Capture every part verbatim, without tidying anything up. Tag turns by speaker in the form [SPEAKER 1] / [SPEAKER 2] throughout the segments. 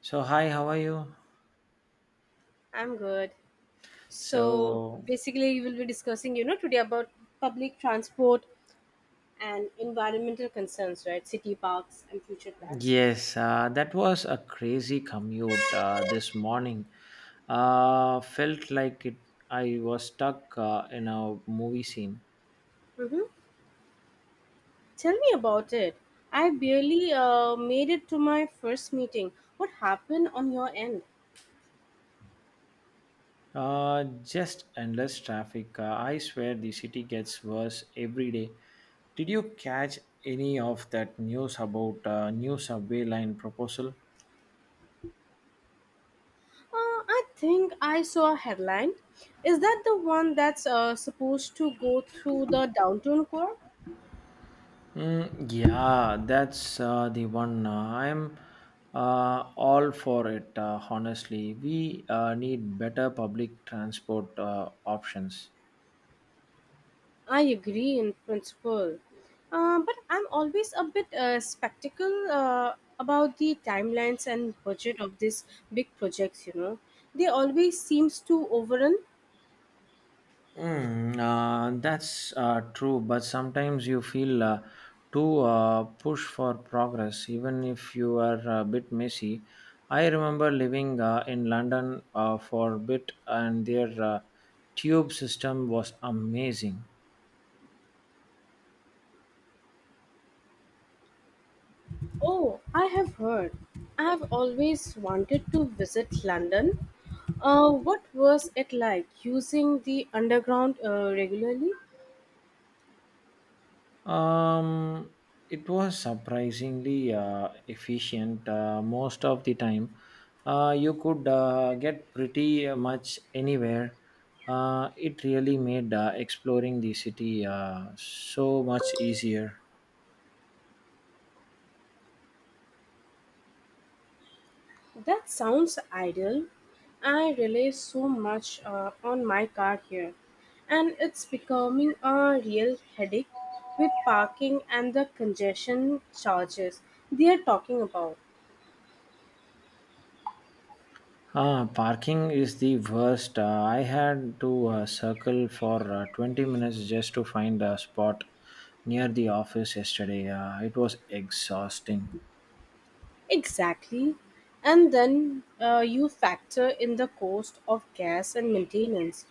[SPEAKER 1] So, hi, how are you?
[SPEAKER 2] I'm good. So
[SPEAKER 1] So,
[SPEAKER 2] basically, we will be discussing, you know, today about public transport and environmental concerns, right? City parks and future plans.
[SPEAKER 1] yes, uh, that was a crazy commute uh, this morning. Uh, felt like it, I was stuck uh, in a movie scene.
[SPEAKER 2] Mm-hmm. Tell me about it. I barely uh, made it to my first meeting. What happened on your end?
[SPEAKER 1] Uh, just endless traffic. Uh, I swear the city gets worse every day. Did you catch any of that news about uh, new subway line proposal?
[SPEAKER 2] Uh, I think I saw a headline. Is that the one that's uh, supposed to go through the downtown core?
[SPEAKER 1] Mm, yeah, that's uh, the one. Uh, I'm uh, all for it, uh, honestly. We uh, need better public transport uh, options.
[SPEAKER 2] I agree in principle, uh, but I'm always a bit uh, skeptical uh, about the timelines and budget of these big projects. You know, they always seems to overrun.
[SPEAKER 1] Mm, uh, that's uh, true, but sometimes you feel uh, too uh, push for progress, even if you are a bit messy. I remember living uh, in London uh, for a bit, and their uh, tube system was amazing.
[SPEAKER 2] Oh, I have heard. I have always wanted to visit London. Uh, what was it like using the underground uh, regularly?
[SPEAKER 1] Um, it was surprisingly uh, efficient uh, most of the time. Uh, you could uh, get pretty much anywhere. Uh, it really made uh, exploring the city uh, so much easier.
[SPEAKER 2] That sounds ideal. I rely so much uh, on my car here, and it's becoming a real headache with parking and the congestion charges they are talking about.
[SPEAKER 1] Ah, parking is the worst. Uh, I had to uh, circle for uh, twenty minutes just to find a spot near the office yesterday. Uh, it was exhausting.
[SPEAKER 2] Exactly. And then uh, you factor in the cost of gas and maintenance.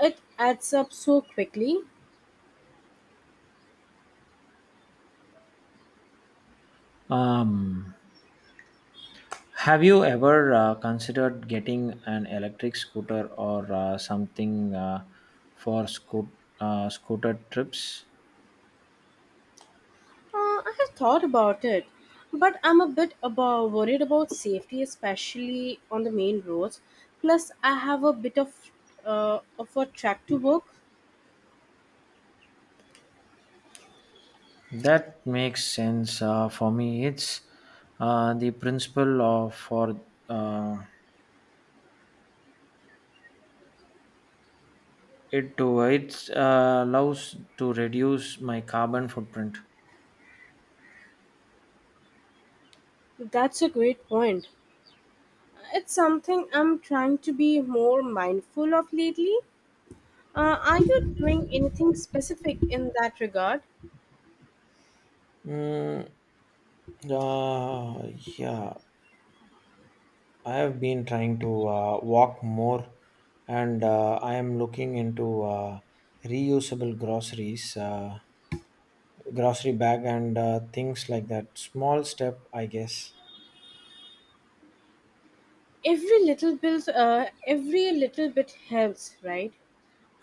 [SPEAKER 2] It adds up so quickly.
[SPEAKER 1] Um, Have you ever uh, considered getting an electric scooter or uh, something uh, for scoot, uh, scooter trips?
[SPEAKER 2] Uh, I have thought about it, but I'm a bit about worried about safety, especially on the main roads. Plus, I have a bit of uh, of a track to work.
[SPEAKER 1] That makes sense uh, for me. It's uh, the principle of for uh, it to it uh, allows to reduce my carbon footprint.
[SPEAKER 2] That's a great point. It's something I'm trying to be more mindful of lately. Uh, are you doing anything specific in that regard?
[SPEAKER 1] Mm, uh, yeah. I have been trying to uh, walk more, and uh, I am looking into uh, reusable groceries, uh, grocery bag, and uh, things like that. Small step, I guess.
[SPEAKER 2] Every little bit, uh, every little bit helps, right?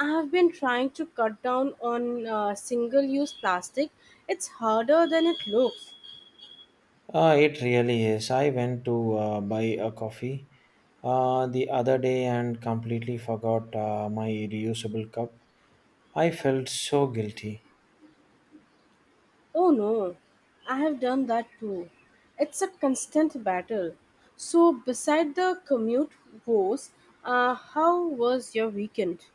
[SPEAKER 2] I've been trying to cut down on uh, single use plastic. It's harder than it looks.
[SPEAKER 1] Uh, it really is. I went to uh, buy a coffee uh, the other day and completely forgot uh, my reusable cup. I felt so guilty.
[SPEAKER 2] Oh no, I have done that too. It's a constant battle. So, beside the commute woes, uh, how was your weekend?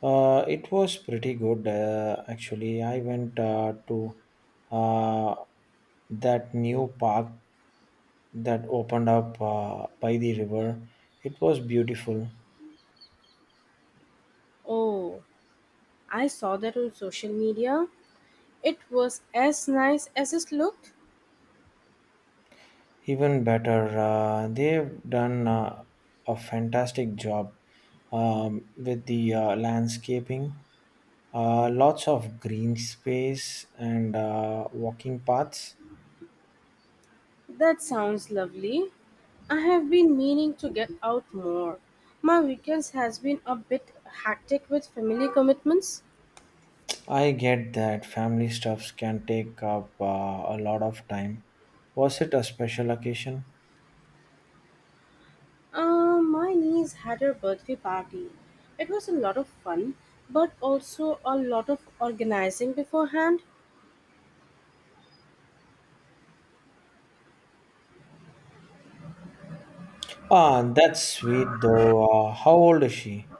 [SPEAKER 1] Uh, it was pretty good, uh, actually. I went uh, to uh, that new park that opened up uh, by the river. It was beautiful.
[SPEAKER 2] Oh, I saw that on social media. It was as nice as it looked.
[SPEAKER 1] Even better, uh, they've done uh, a fantastic job um, with the uh, landscaping. Uh, lots of green space and uh, walking paths.
[SPEAKER 2] That sounds lovely. I have been meaning to get out more. My weekends has been a bit hectic with family commitments.
[SPEAKER 1] I get that family stuffs can take up uh, a lot of time. Was it a special occasion?
[SPEAKER 2] Uh, my niece had her birthday party. It was a lot of fun, but also a lot of organizing beforehand.
[SPEAKER 1] Ah, that's sweet though. Uh, how old is she?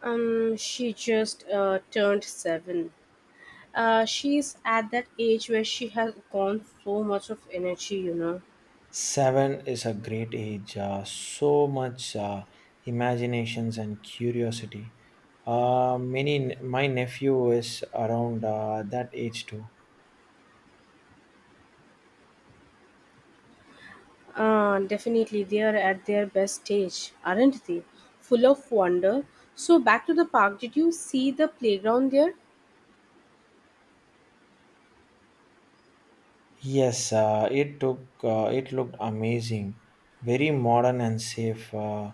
[SPEAKER 2] Um, she just uh, turned seven. Uh, she's at that age where she has gone so much of energy, you know.
[SPEAKER 1] Seven is a great age. Uh, so much uh, imaginations and curiosity. Uh, many, my nephew is around uh, that age too.
[SPEAKER 2] Uh, definitely, they are at their best stage, aren't they? Full of wonder. So, back to the park, did you see the playground there?
[SPEAKER 1] Yes, uh, it took. Uh, it looked amazing, very modern and safe. Uh,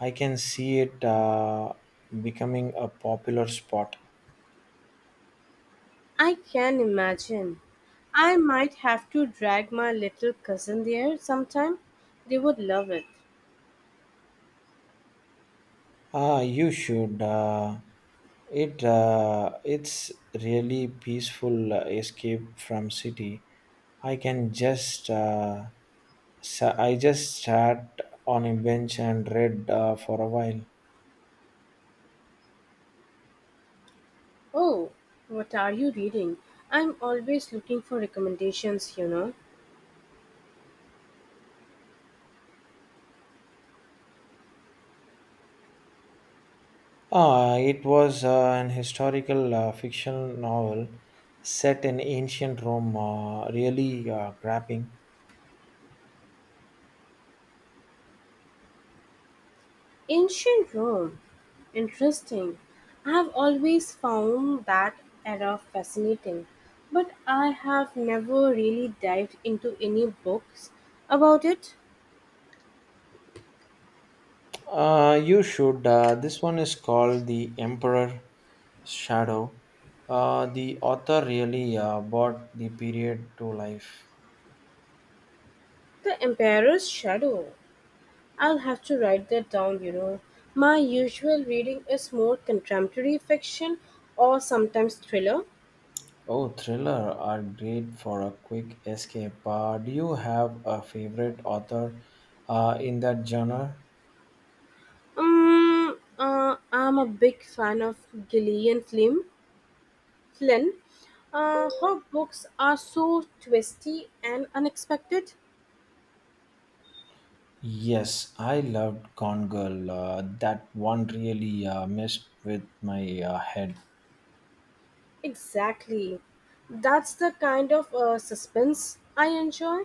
[SPEAKER 1] I can see it uh, becoming a popular spot.
[SPEAKER 2] I can imagine. I might have to drag my little cousin there sometime. They would love it.
[SPEAKER 1] Ah, you should. Uh, it uh, it's really peaceful uh, escape from city. I can just. Uh, sa- I just sat on a bench and read uh, for a while.
[SPEAKER 2] Oh, what are you reading? I'm always looking for recommendations, you know.
[SPEAKER 1] Ah, it was uh, an historical uh, fiction novel set in ancient Rome, uh, really uh, grabbing.
[SPEAKER 2] Ancient Rome. Interesting. I have always found that era fascinating, but I have never really dived into any books about it.
[SPEAKER 1] Uh, you should. Uh, this one is called The Emperor Shadow. Uh, the author really uh, brought the period to life.
[SPEAKER 2] The Emperor's Shadow. I'll have to write that down, you know. My usual reading is more contemporary fiction or sometimes thriller.
[SPEAKER 1] Oh, thriller are great for a quick escape. Uh, do you have a favorite author uh, in that genre?
[SPEAKER 2] Um, uh, I'm a big fan of Gillian Flynn. Flynn, uh, her books are so twisty and unexpected.
[SPEAKER 1] Yes, I loved Gone Girl. Uh, that one really uh, messed with my uh, head.
[SPEAKER 2] Exactly. That's the kind of uh, suspense I enjoy.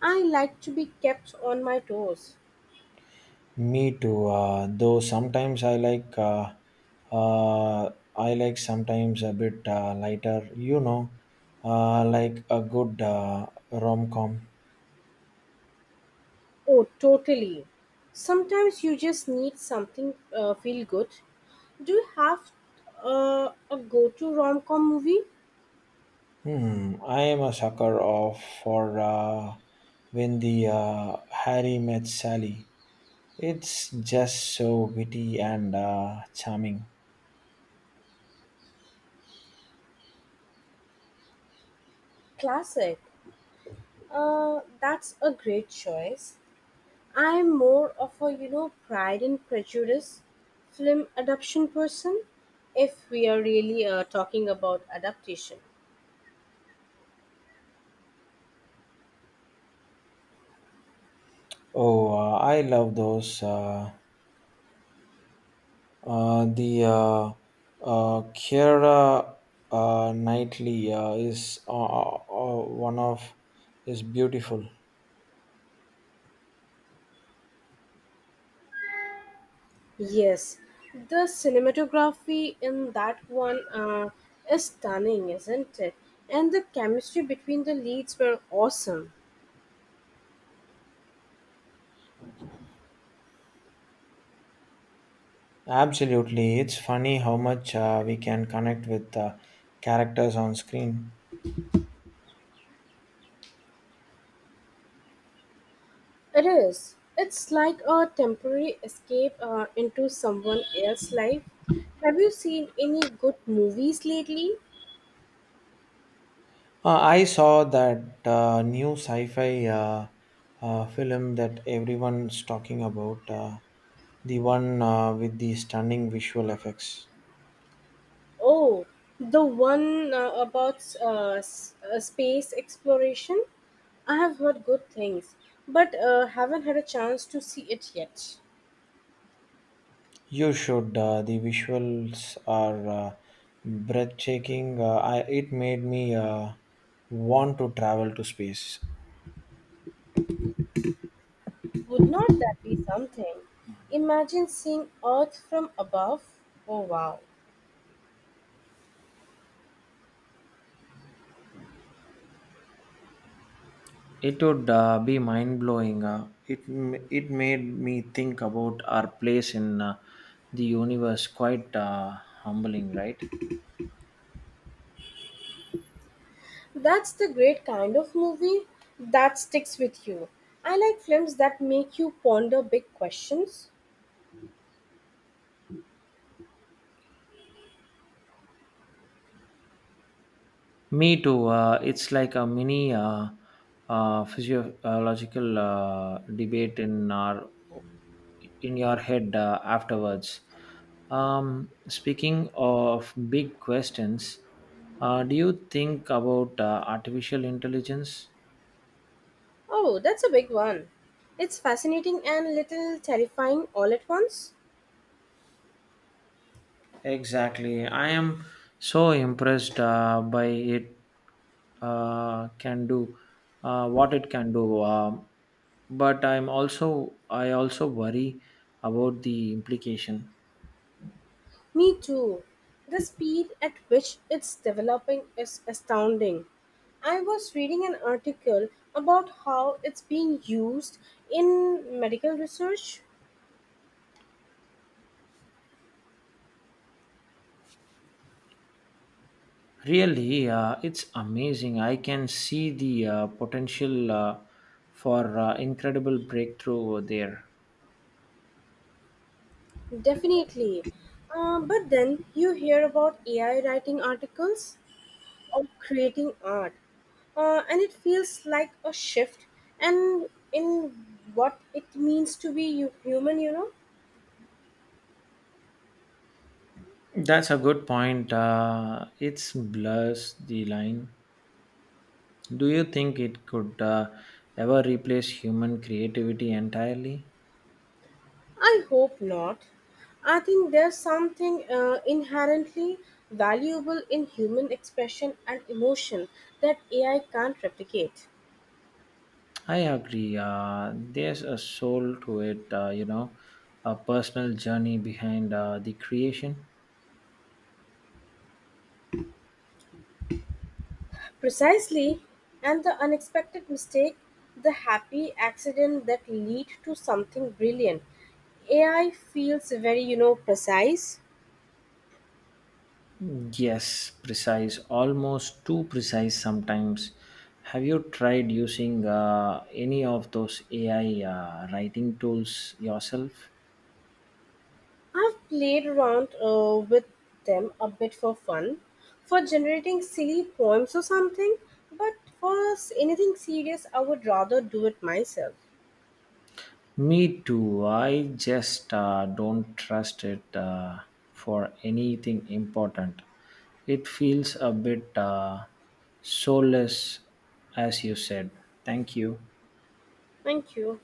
[SPEAKER 2] I like to be kept on my toes.
[SPEAKER 1] Me too. Uh, though sometimes I like, uh, uh, I like sometimes a bit uh, lighter. You know, uh, like a good uh, rom com.
[SPEAKER 2] Oh, totally. Sometimes you just need something uh, feel good. Do you have uh, a go to rom com movie?
[SPEAKER 1] Hmm. I am a sucker of for uh, when the uh, Harry met Sally. It's just so witty and uh, charming.
[SPEAKER 2] Classic. Uh, that's a great choice. I'm more of a, you know, Pride and Prejudice film adaptation person, if we are really uh, talking about adaptation.
[SPEAKER 1] Oh, uh, I love those. Uh, uh, the uh, uh, Kiera uh, Knightley uh, is uh, uh, uh, one of is beautiful.
[SPEAKER 2] Yes, the cinematography in that one uh, is stunning, isn't it? And the chemistry between the leads were awesome.
[SPEAKER 1] Absolutely, it's funny how much uh, we can connect with uh, characters on screen.
[SPEAKER 2] It is. It's like a temporary escape uh, into someone else's life. Have you seen any good movies lately?
[SPEAKER 1] Uh, I saw that uh, new sci-fi uh, uh, film that everyone's talking about. Uh, the one uh, with the stunning visual effects.
[SPEAKER 2] Oh, the one uh, about uh, s- uh, space exploration? I have heard good things, but uh, haven't had a chance to see it yet.
[SPEAKER 1] You should. Uh, the visuals are uh, breathtaking. Uh, I, it made me uh, want to travel to space.
[SPEAKER 2] Would not that be something? Imagine seeing Earth from above. Oh, wow.
[SPEAKER 1] It would uh, be mind blowing. Uh, it m- it made me think about our place in uh, the universe. Quite uh, humbling, right?
[SPEAKER 2] That's the great kind of movie that sticks with you. I like films that make you ponder big questions.
[SPEAKER 1] Me too. Uh, it's like a mini uh, uh, physiological uh, debate in our in your head uh, afterwards. Um, speaking of big questions, uh, do you think about uh, artificial intelligence?
[SPEAKER 2] Oh, that's a big one. It's fascinating and little terrifying all at once.
[SPEAKER 1] Exactly. I am so impressed uh, by it uh, can do, uh, what it can do. Um but I'm also I also worry about the implication.
[SPEAKER 2] Me too. The speed at which it's developing is astounding. I was reading an article about how it's being used in medical research.
[SPEAKER 1] Really, uh, it's amazing. I can see the uh, potential uh, for uh, incredible breakthrough there.
[SPEAKER 2] Definitely. Uh, but then you hear about A I writing articles or creating art, uh, and it feels like a shift and in what it means to be hu- human, you know?
[SPEAKER 1] That's a good point. Uh, it's blurs the line. Do you think it could uh, ever replace human creativity entirely?
[SPEAKER 2] I hope not. I think there's something uh, inherently valuable in human expression and emotion that A I can't replicate.
[SPEAKER 1] I agree. Uh, there's a soul to it, uh, you know, a personal journey behind uh, the creation.
[SPEAKER 2] Precisely, and the unexpected mistake, the happy accident that lead to something brilliant. A I feels very, you know, precise.
[SPEAKER 1] Yes, precise, almost too precise sometimes. Have you tried using uh, any of those A I uh, writing tools yourself?
[SPEAKER 2] I've played around uh, with them a bit for fun, for generating silly poems or something, but for s- anything serious, I would rather do it myself.
[SPEAKER 1] Me too. I just uh, don't trust it uh, for anything important. It feels a bit uh, soulless, as you said. Thank you.
[SPEAKER 2] Thank you.